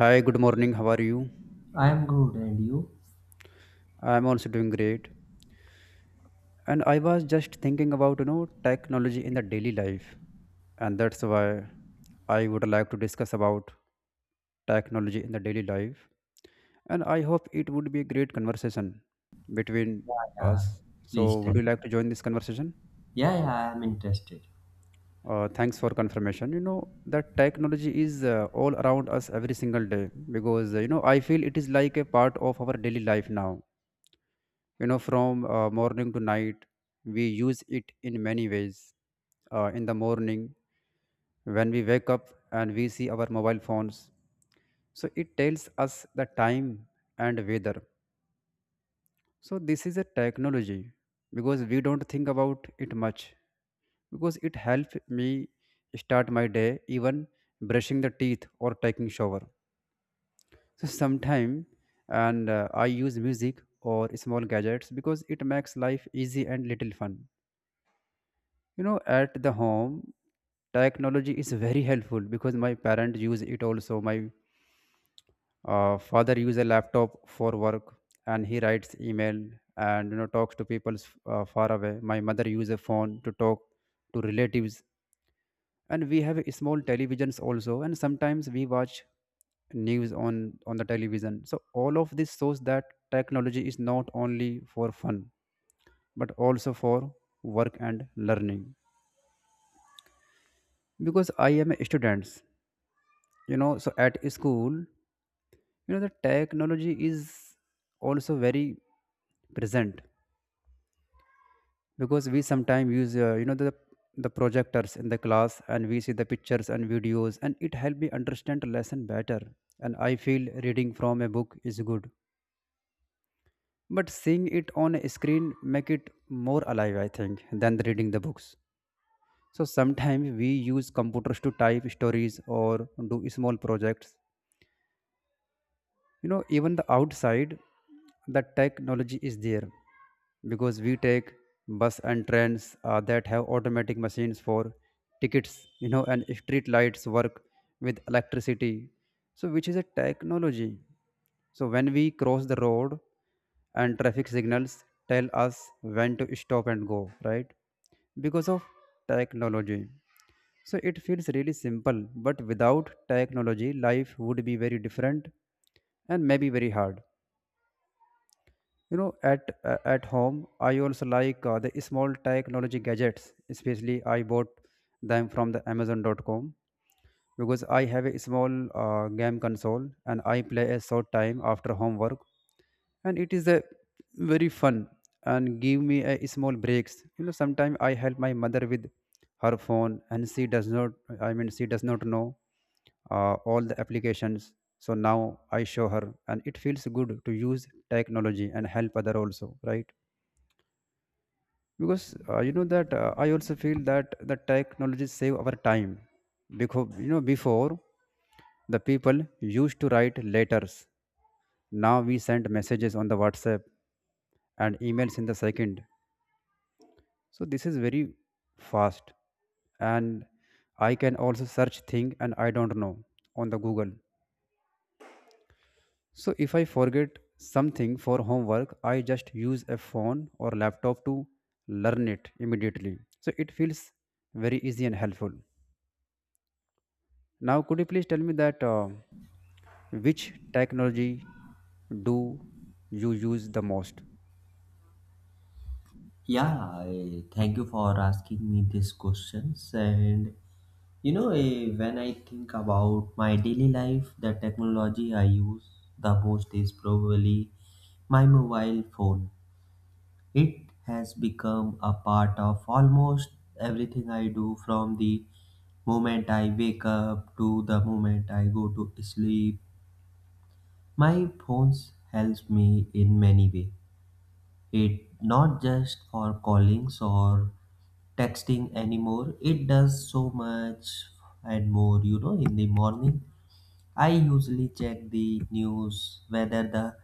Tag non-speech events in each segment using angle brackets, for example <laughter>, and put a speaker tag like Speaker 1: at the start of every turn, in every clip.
Speaker 1: Hi, good morning. How are you?
Speaker 2: I am good, and you?
Speaker 1: I'm also doing great. And I was just thinking about, you know, technology in the daily life. And that's why I would like to discuss about technology in the daily life. And I hope it would be a great conversation between us.
Speaker 2: Please
Speaker 1: So, would
Speaker 2: tell.
Speaker 1: you like to join this conversation?
Speaker 2: Yeah, yeah, I am interested.
Speaker 1: Thanks for confirmation. You know that technology is all around us every single day because you know I feel it is like a part of our daily life now, you know, from morning to night we use it in many ways. In the morning when we wake up and we see our mobile phones, so it tells us the time and weather. So this is a technology because we don't think about it much, because it helped me start my day. Even brushing the teeth or taking shower, so sometime and I use music or small gadgets because it makes life easy and little fun. You know, at the home, technology is very helpful because my parents use it also. My father use a laptop for work and he writes email and, you know, talks to people far away. My mother use a phone to talk to relatives, and we have small televisions also, and sometimes we watch news on the television. So all of this shows that technology is not only for fun but also for work and learning. Because I am a student, you know, so at school, you know, the technology is also very present, because we sometimes use you know the projectors in the class and we see the pictures and videos and it help me understand lesson better. And I feel reading from a book is good, but seeing it on a screen make it more alive, I think, than the reading the books. So sometimes we use computers to type stories or do small projects. You know, even the outside, the technology is there because we take bus and trains that have automatic machines for tickets, you know, and street lights work with electricity, so which is a technology. So when we cross the road and traffic signals tell us when to stop and go, right, because of technology. So it feels really simple, but without technology, life would be very different and maybe very hard. You know, at home, I also like the small technology gadgets. Especially, I bought them from the Amazon.com because I have a small game console and I play a short time after homework, and it is a very fun and give me a small breaks. You know, sometimes I help my mother with her phone and she does not, I mean, she does not know all the applications, so now I show her and it feels good to use technology and help other also, right? Because you know that I also feel that the technology save our time, because, you know, before, the people used to write letters. Now we send messages on the whatsapp and emails in the second, so this is very fast. And I can also search thing and I don't know on the google. So if I forget something for homework I just use a phone or laptop to learn it immediately, so it feels very easy and helpful. Now could you please tell me that which technology do you use the most?
Speaker 2: Yeah, thank you for asking me these questions. And you know, when I think about my daily life, the technology I use the most is probably my mobile phone. It has become a part of almost everything I do from the moment I wake up to the moment I go to sleep. My phones helps me in many ways. It not just for callings or texting anymore. It does so much and more. You know, in the morning, I usually check the news, whether the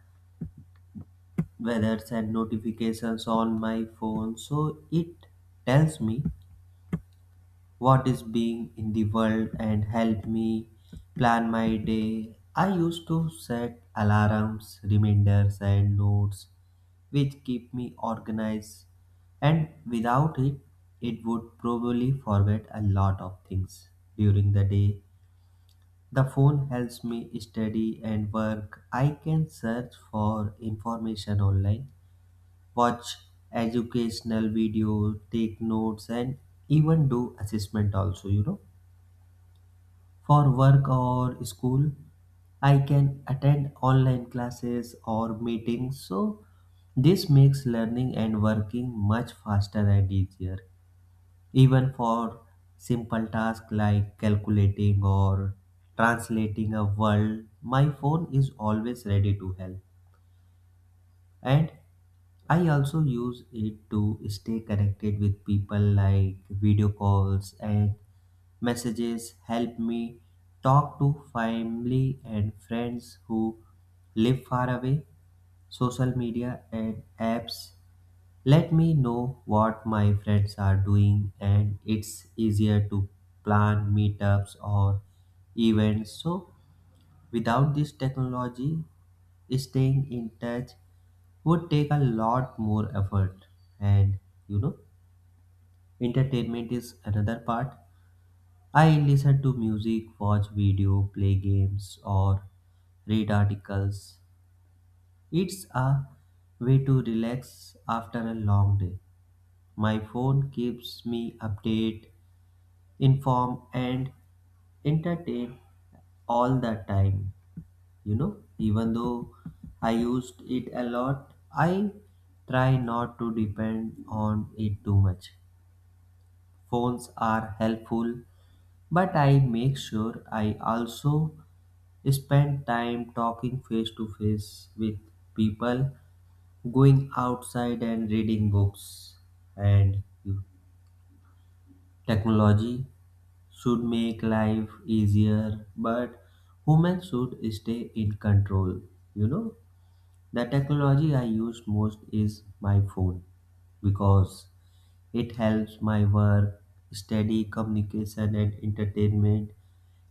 Speaker 2: weathers and notifications on my phone. So it tells me what is being in the world and help me plan my day. I used to set alarms, reminders, and notes which keep me organized, and without it, it would probably forget a lot of things during the day. The phone helps me study and work. I can search for information online, watch educational videos, take notes, and even do assessment also, you know for work or school, I can attend online classes or meetings, so this makes learning and working much faster and easier. Even for simple tasks like calculating or translating a word, my phone is always ready to help. And I also use it to stay connected with people like video calls and messages help me talk to family and friends who live far away. Social media and apps let me know what my friends are doing, and it's easier to plan meetups or events. So, without this technology, staying in touch would take a lot more effort. And you know, entertainment is another part I listen to music, watch video, play games, or read articles. It's a way to relax after a long day. My phone keeps me update, informed, and entertained all the time. You know, even though I used it a lot, I try not to depend on it too much. Phones are helpful, but I make sure I also spend time talking face to face with people, going outside and reading books. And technology should make life easier, but humans should stay in control. You know, the technology I use most is my phone because it helps my work, study, communication, and entertainment.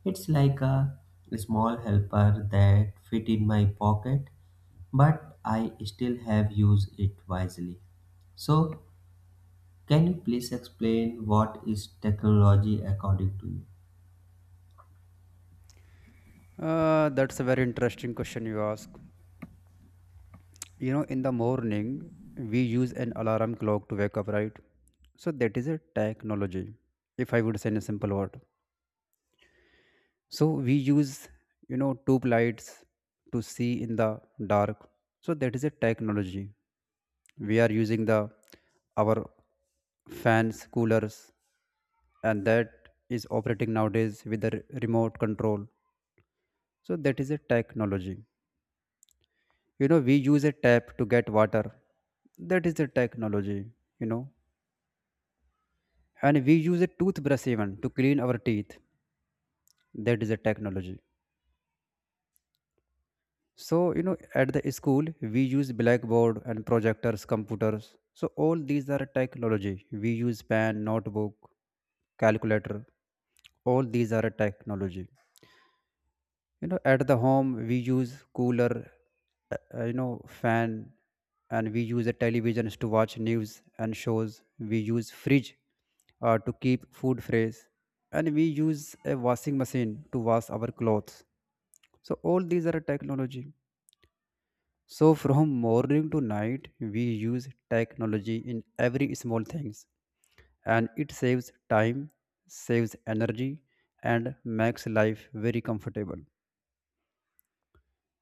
Speaker 2: It's like a small helper that fit in my pocket, but I still have used it wisely. So, can you please explain what is technology according to you?
Speaker 1: That's a very interesting question you ask. You know, in the morning, we use an alarm clock to wake up, right? So that is a technology, if I would say in a simple word. So we use, you know, tube lights to see in the dark. So that is a technology. We are using the our fans, coolers, and that is operating nowadays with the remote control. So that is a technology. You know, we use a tap to get water, that is the technology. You know, and we use a toothbrush even to clean our teeth, that is a technology. So, you know, at the school, we use blackboard and projectors, computers, so all these are technology. We use pen, notebook, calculator, all these are a technology. You know, at the home, we use cooler, you know, fan, and we use the televisions to watch news and shows. We use fridge to keep food fresh, and we use a washing machine to wash our clothes. So all these are technology. So from morning to night we use technology in every small things, and it saves time, saves energy, and makes life very comfortable.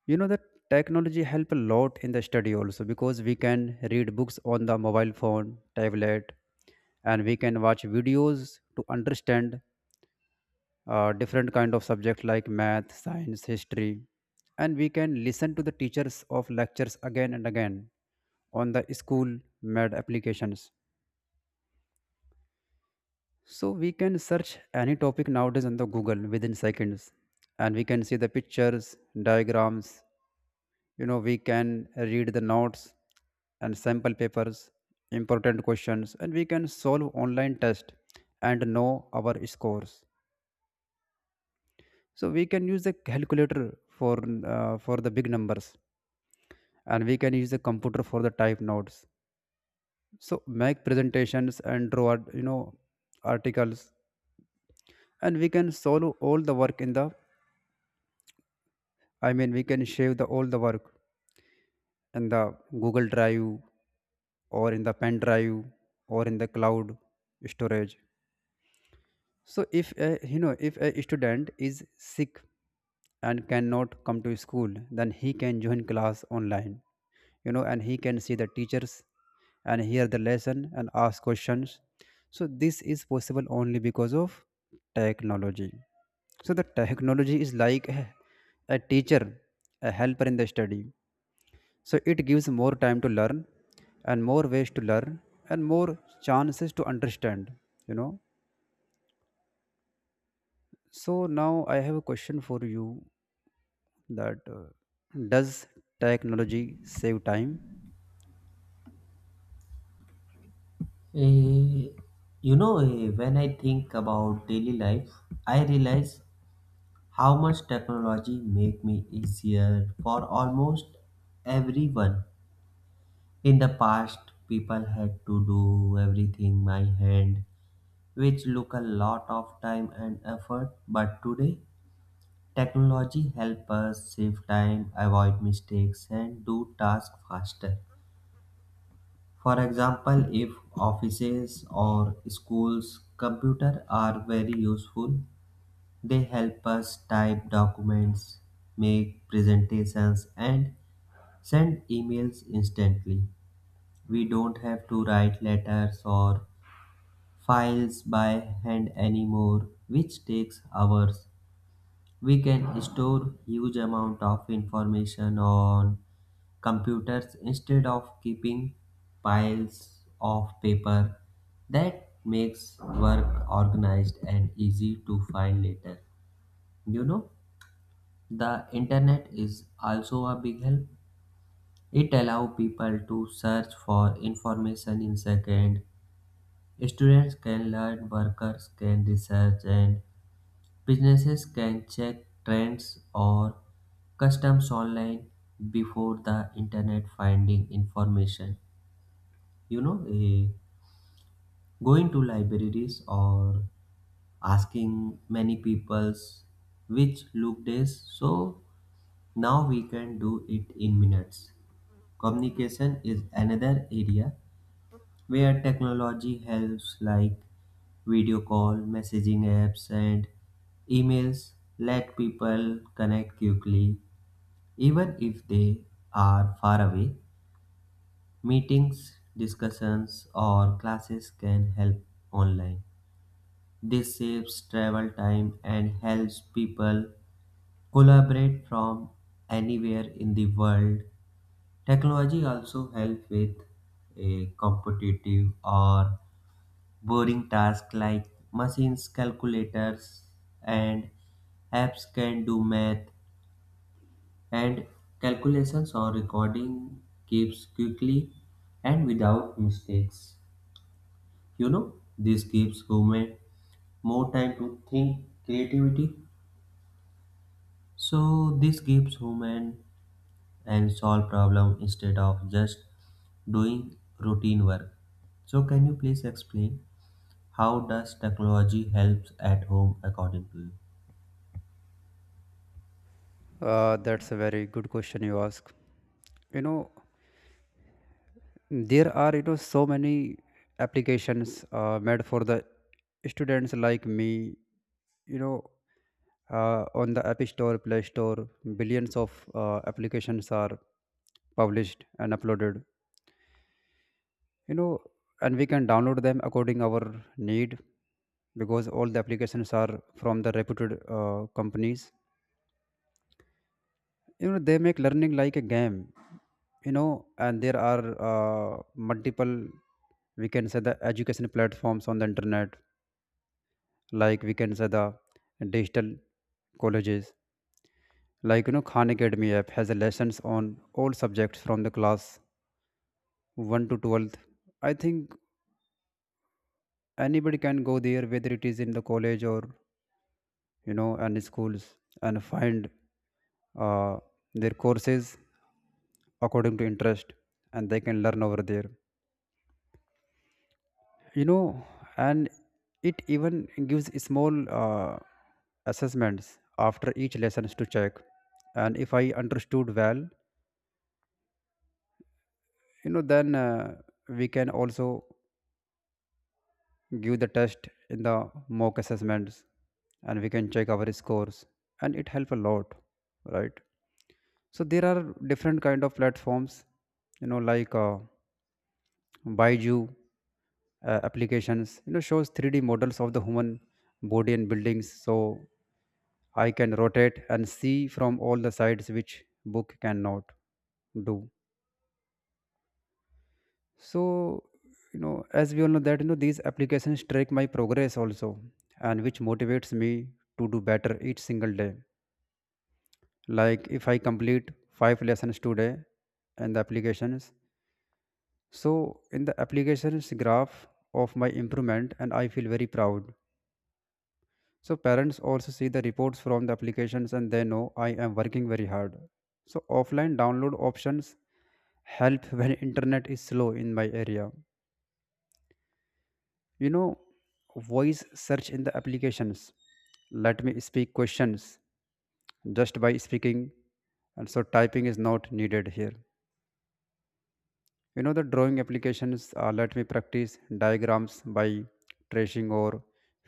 Speaker 1: You know that technology help a lot in the study also, because we can read books on the mobile phone, tablet, and we can watch videos to understand different kind of subject like math, science, history. And we can listen to the teachers of lectures again and again on the school made applications. So we can search any topic nowadays on the google within seconds, and we can see the pictures, diagrams. You know, we can read the notes and sample papers, important questions, and we can solve online test and know our scores. So we can use the calculator for for the big numbers, and we can use the computer for the type notes, so make presentations and draw you know articles. And we can solve all the work in the, I mean, we can shave the all the work in the google drive, or in the pen drive, or in the cloud storage. So if a, you know, if a student is sick and cannot come to school, then he can join class online. You know, and he can see the teachers and hear the lesson and ask questions. So this is possible only because of technology. So the technology is like a teacher, a helper in the study. So it gives more time to learn, and more ways to learn, and more chances to understand, you know. So now I have a question for you that does technology save time?
Speaker 2: Eh, you know, when I think about daily life, I realize how much technology make me easier for almost everyone. In the past, people had to do everything by hand, which took a lot of time and effort. But today, technology helps us save time, avoid mistakes, and do tasks faster. For example, if offices or schools' computer are very useful, they help us type documents, make presentations, and send emails instantly. We don't have to write letters or files by hand anymore, which takes hours. We can store huge amount of information on computers instead of keeping piles of paper. That makes work organized and easy to find later. You know, the internet is also a big help. It allows people to search for information in second. Students can learn, workers can research, and businesses can check trends or customs online before the internet finding information. You know, going to libraries or asking many people's which look days. So now we can do it in minutes. Communication is another area where technology helps like video call, messaging apps, and emails let people connect quickly even if they are far away. Meetings, discussions, or classes can help online. This saves travel time and helps people collaborate from anywhere in the world. Technology also helps with a competitive or boring tasks like machines, calculators, and apps can do math and calculations or recording keeps quickly and without mistakes. You know, this gives human more time to think creativity. So this gives human and solve problem instead of just doing routine work. So can you please explain how does technology helps at home according to you?
Speaker 1: That's a very good question you ask. You know, there are, you know, so many applications made for the students like me, you know, on the app store, play store, billions of applications are published and uploaded. You know, and we can download them according our need, because all the applications are from the reputed companies. You know, they make learning like a game. You know, and there are uh, multiple, we can say the education platforms on the internet, like we can say the digital colleges, like, you know, khan academy app has a lessons on all subjects from the class 1 to 12th, I think. Anybody can go there, whether it is in the college or, you know, and schools, and find uh, their courses according to interest, and they can learn over there. You know, and it even gives small assessments after each lessons to check and if I understood well. You know, then we can also give the test in the mock assessments, and we can check our scores, and it help a lot, right? So there are different kind of platforms, you know, like baiju applications, you know, shows 3D models of the human body and buildings, so I can rotate and see from all the sides, which book cannot do. So, you know, as we all know that, you know, these applications track my progress also, and which motivates me to do better each single day. Like if I complete 5 lessons today in the applications, so in the applications graph of my improvement, and I feel very proud. So parents also see the reports from the applications and they know I am working very hard. So offline download options help <laughs> when internet is slow in my area you know Voice search in the applications let me speak questions just by speaking, and so typing is not needed here. You know, the drawing applications let me practice diagrams by tracing or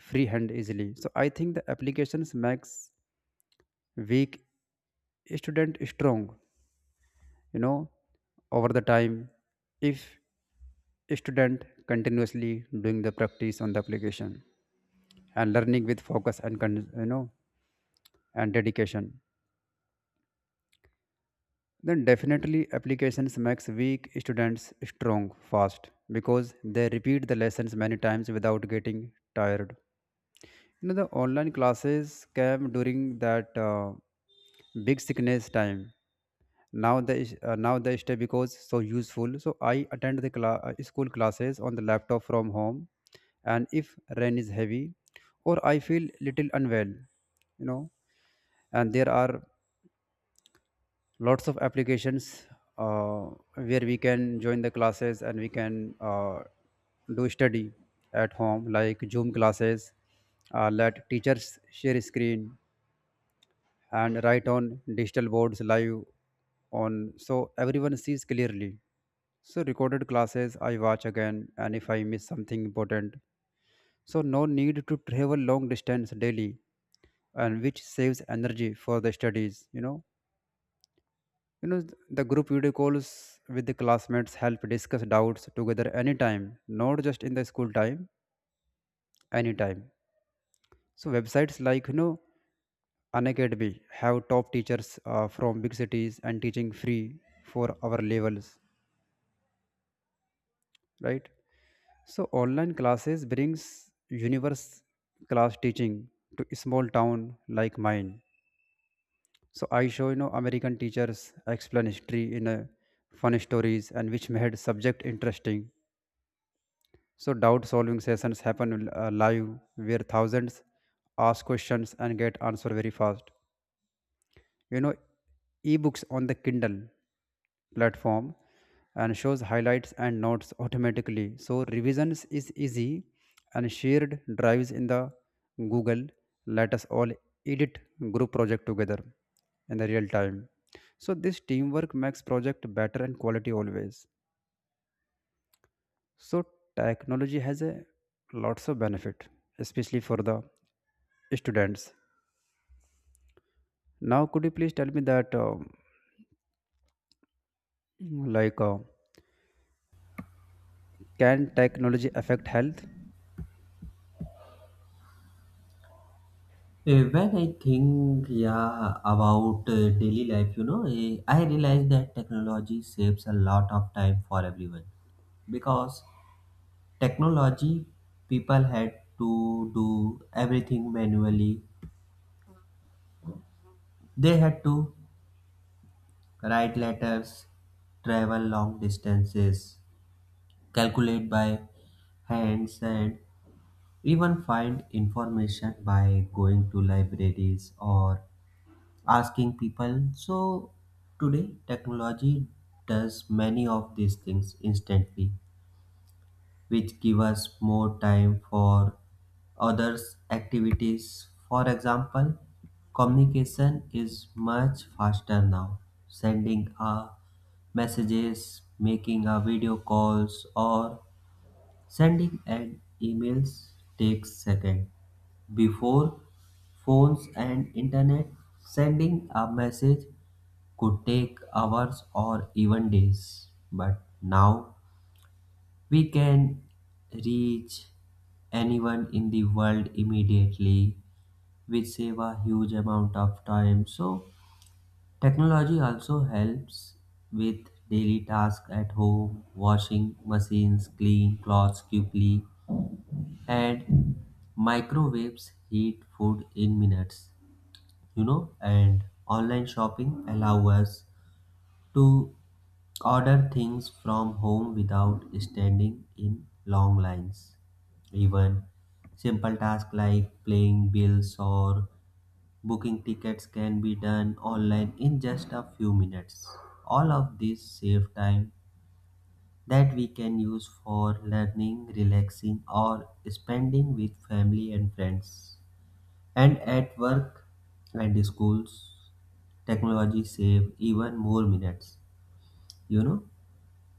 Speaker 1: freehand easily. So I think the applications makes weak student strong you know over the time. If student continuously doing the practice on the application and learning with focus and and dedication, then definitely applications makes weak students strong fast because they repeat the lessons many times without getting tired. You know, the online classes came during that big sickness time. Now now they stay because so useful. So I attend the school classes on the laptop from home, and if rain is heavy or I feel little unwell, you know. And there are lots of applications uh, where we can join the classes and we can do study at home, like Zoom classes let teachers share screen and write on digital boards live, on so everyone sees clearly. So recorded classes I watch again and if I miss something important, so no need to travel long distance daily, and which saves energy for the studies. You know, the group video calls with the classmates help discuss doubts together anytime, not just in the school time, anytime. So websites like Unacademy have top teachers from big cities and teaching free for our levels, right? So online classes brings universe class teaching to a small town like mine. So I show, you know, American teachers explain history in a fun stories, and which made subject interesting. So doubt solving sessions happen live, where thousands ask questions and get answer very fast. You know, ebooks on the Kindle platform and shows highlights and notes automatically. So revisions is easy, and shared drives in the Google let us all edit group project together in the real time. So this teamwork makes project better and quality always. So technology has a lots of benefit, especially for the students. Now, could you please tell me that, like, uh, can technology affect health?
Speaker 2: Eh, when I think, yeah, about daily life, you know, I realize that technology saves a lot of time for everyone because technology people had to do everything manually. They had to write letters, travel long distances, calculate by hands, and even find information by going to libraries or asking people. So today, technology does many of these things instantly, which give us more time for others' activities. For example, communication is much faster now. Sending a messages, making a video calls, or sending an email takes seconds. Before phones and internet, sending a message could take hours or even days. But now we can reach anyone in the world immediately, which save a huge amount of time. So technology also helps with daily tasks at home, washing machines, clean clothes quickly and microwaves heat food in minutes, you know, and online shopping allow us to order things from home without standing in long lines, even simple tasks like paying bills or booking tickets can be done online in just a few minutes. All of this save time that we can use for learning, relaxing, or spending with family and friends. And at work and schools, technology save even more minutes. You know,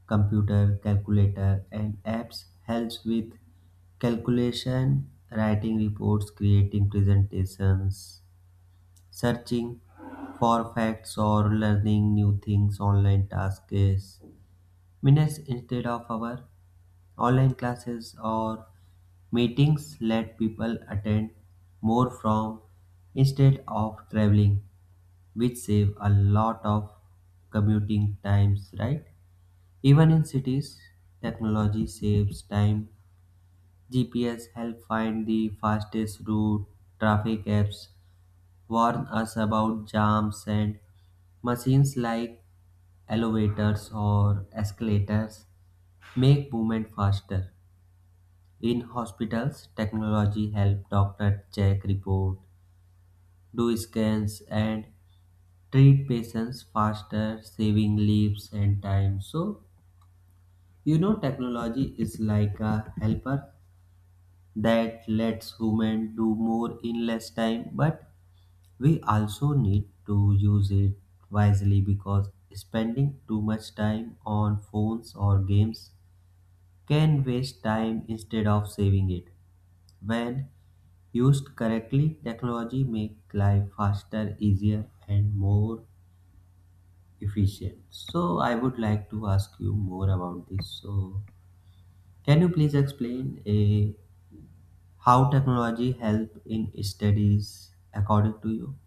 Speaker 2: computer, calculator, and apps helps with calculation, writing reports, creating presentations, searching for facts or learning new things online tasks minutes instead of hours. Online classes or meetings let people attend more from instead of traveling, which save a lot of commuting times, right? Even in cities, technology saves time. GPS help find the fastest route, traffic apps warn us about jams and machines like elevators or escalators make movement faster. In hospitals, technology helps doctors check reports, do scans, and treat patients faster, saving lives and time. So, you know, technology is like a helper that lets humans do more in less time, but we also need to use it wisely because spending too much time on phones or games can waste time instead of saving it. When used correctly, technology make life faster, easier, and more efficient. So I would like to ask you more about this. So can you please explain a how technology help in studies according to you?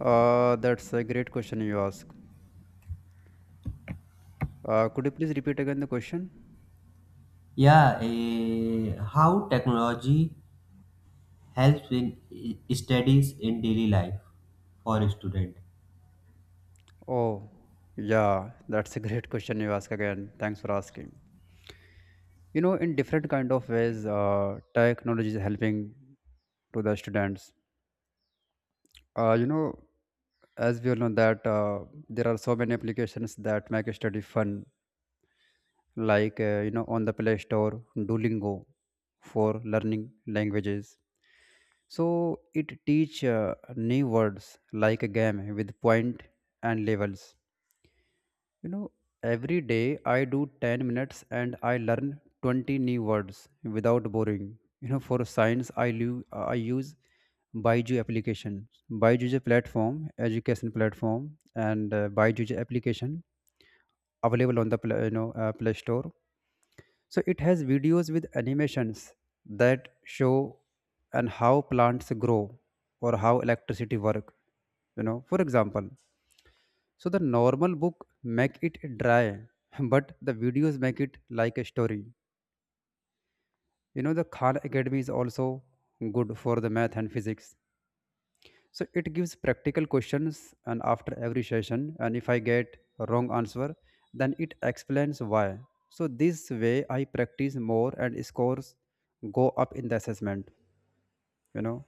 Speaker 1: That's a great question you ask. Could you please repeat again the question?
Speaker 2: Yeah, how technology helps in studies in daily life for a student.
Speaker 1: Oh, yeah, that's a great <laughs> question you ask again. Thanks for asking. You know, in different kind of ways, technology is helping to the students. You know, as we all know that, there are so many applications that make study fun, like, you know, on the Play Store, Duolingo for learning languages. So it teach new words like a game with point and levels. You know, every day I do 10 minutes and I learn 20 new words without boring. You know, for science, I use Baiju application. Baiju is a platform, education platform, and Baiju is a application available on the Play Store. So it has videos with animations that show and how plants grow or how electricity work. You know, for example, so the normal book make it dry, <laughs> but the videos make it like a story. You know, the Khan Academy is also good for the math and physics. So it gives practical questions and after every session, and if I get wrong answer, then it explains why. So this way I practice more and scores go up in the assessment, you know.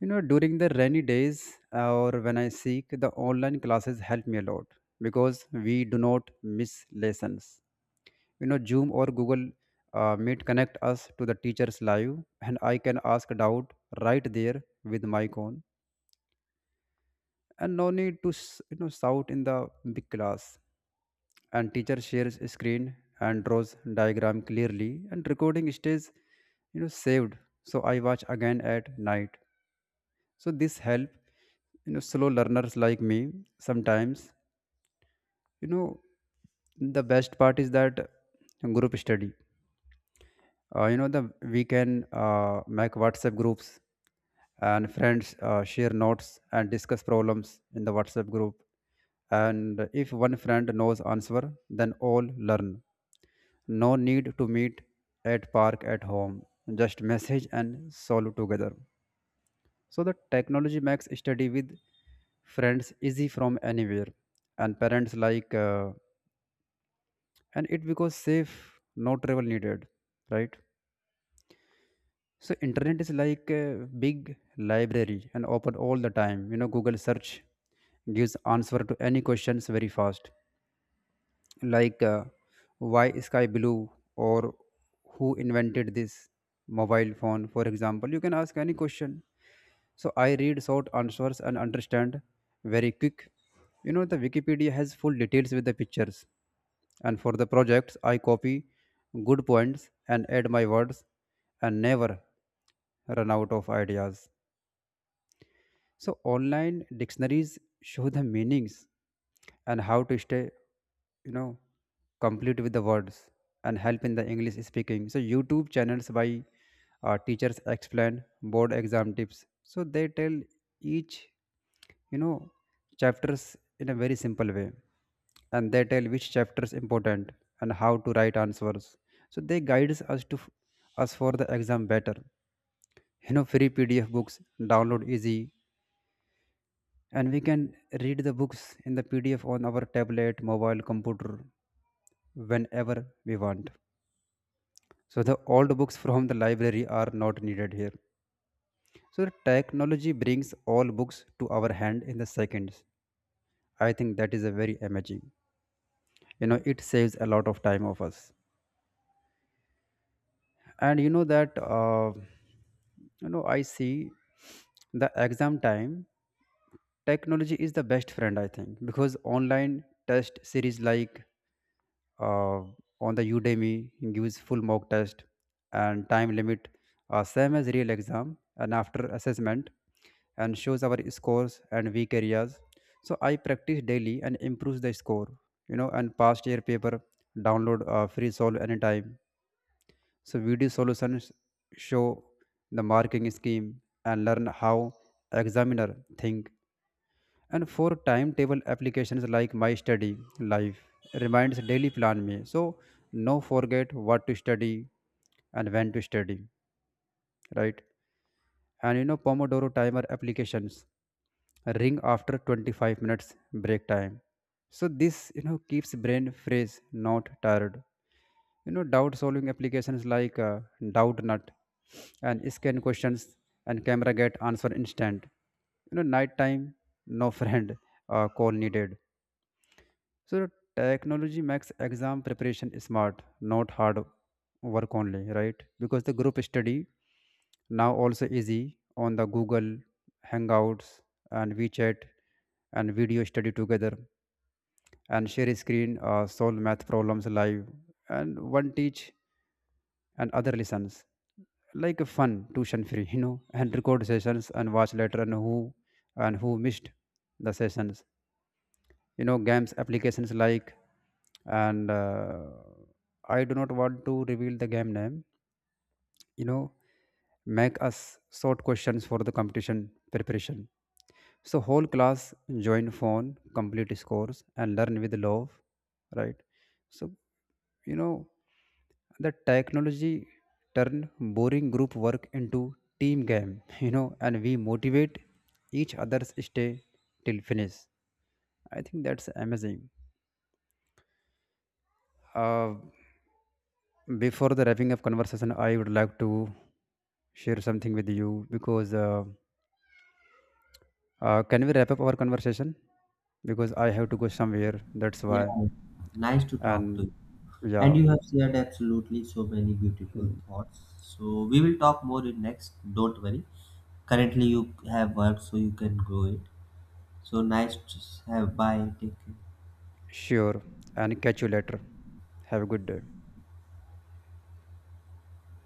Speaker 1: You know, during the rainy days or when I seek, the online classes help me a lot because we do not miss lessons. You know, Zoom or Google Meet connect us to the teachers live, and I can ask doubt right there with my phone, and no need to shout in the big class. And teacher shares screen and draws diagram clearly, and recording stays, you know, saved. So I watch again at night. So this help, you know, slow learners like me sometimes, you know. The best part is that group study. You know, the we can make WhatsApp groups, and friends share notes and discuss problems in the WhatsApp group. And if one friend knows answer, then all learn. No need to meet at park at home. Just message and solve together. So the technology makes study with friends easy from anywhere, and parents like and it because safe, no travel needed, right? So internet is like a big library and open all the time. You know, Google search gives answer to any questions very fast, like, why sky blue, or who invented this mobile phone, for example. You can ask any question. So I read short answers and understand very quick. You know, the Wikipedia has full details with the pictures, and for the projects I copy good points and add my words, and never run out of ideas. So online dictionaries show the meanings and how to stay, you know, complete with the words, and help in the English speaking. So YouTube channels by teachers explain board exam tips. So they tell each, you know, chapters in a very simple way, and they tell which chapter is important and how to write answers. So they guides us to us for the exam better. You know, free PDF books download easy, and we can read the books in the pdf on our tablet mobile computer whenever we want. So the old books from the library are not needed here. So the technology brings all books to our hand in the seconds. I think that is a very amazing. You know, it saves a lot of time of us. And you know that, uh, you know, I see the exam time, technology is the best friend I think, because online test series like, uh, on the Udemy, gives full mock test and time limit, same as real exam, and after assessment, and shows our scores and weak areas. So I practice daily and improves the score. You know, and past year paper download free solve anytime. So video solutions show the marking scheme and learn how examiner think. And for timetable applications like my study life reminds daily plan me, so no forget what to study and when to study, right? And you know, pomodoro timer applications ring after 25 minutes break time, so this, you know, keeps brain fresh, not tired. You know, doubt solving applications like, doubt nut, and scan questions and camera get answer instant. You know, night time, no friend call needed. So technology makes exam preparation smart, not hard work only, right? Because the group study now also easy on the Google Hangouts and WeChat, and video study together and share screen, solve math problems live, and one teach and other listens. Like a fun tuition free, <laughs> you know, and record sessions and watch later, and who missed the sessions. You know, games applications like and I do not want to reveal the game name, you know, make us sort questions for the competition preparation. So whole class join phone, complete scores and learn with love, right? So, you know, the technology turn boring group work into team game, <laughs> you know, and we motivate each others stay till finish. I think that's amazing. Uh, Before the wrapping up conversation, I would like to share something with you because can we wrap up our conversation? Because I have to go somewhere. That's
Speaker 2: Yeah,
Speaker 1: why.
Speaker 2: nice to talk to
Speaker 1: And
Speaker 2: you. And
Speaker 1: yeah,
Speaker 2: you have shared absolutely so many beautiful
Speaker 1: mm,
Speaker 2: thoughts. So we will talk more in next. Don't worry. Currently you have work, so you can grow it. So nice to have. Bye. Take care.
Speaker 1: sure. And catch you later. Have a good day.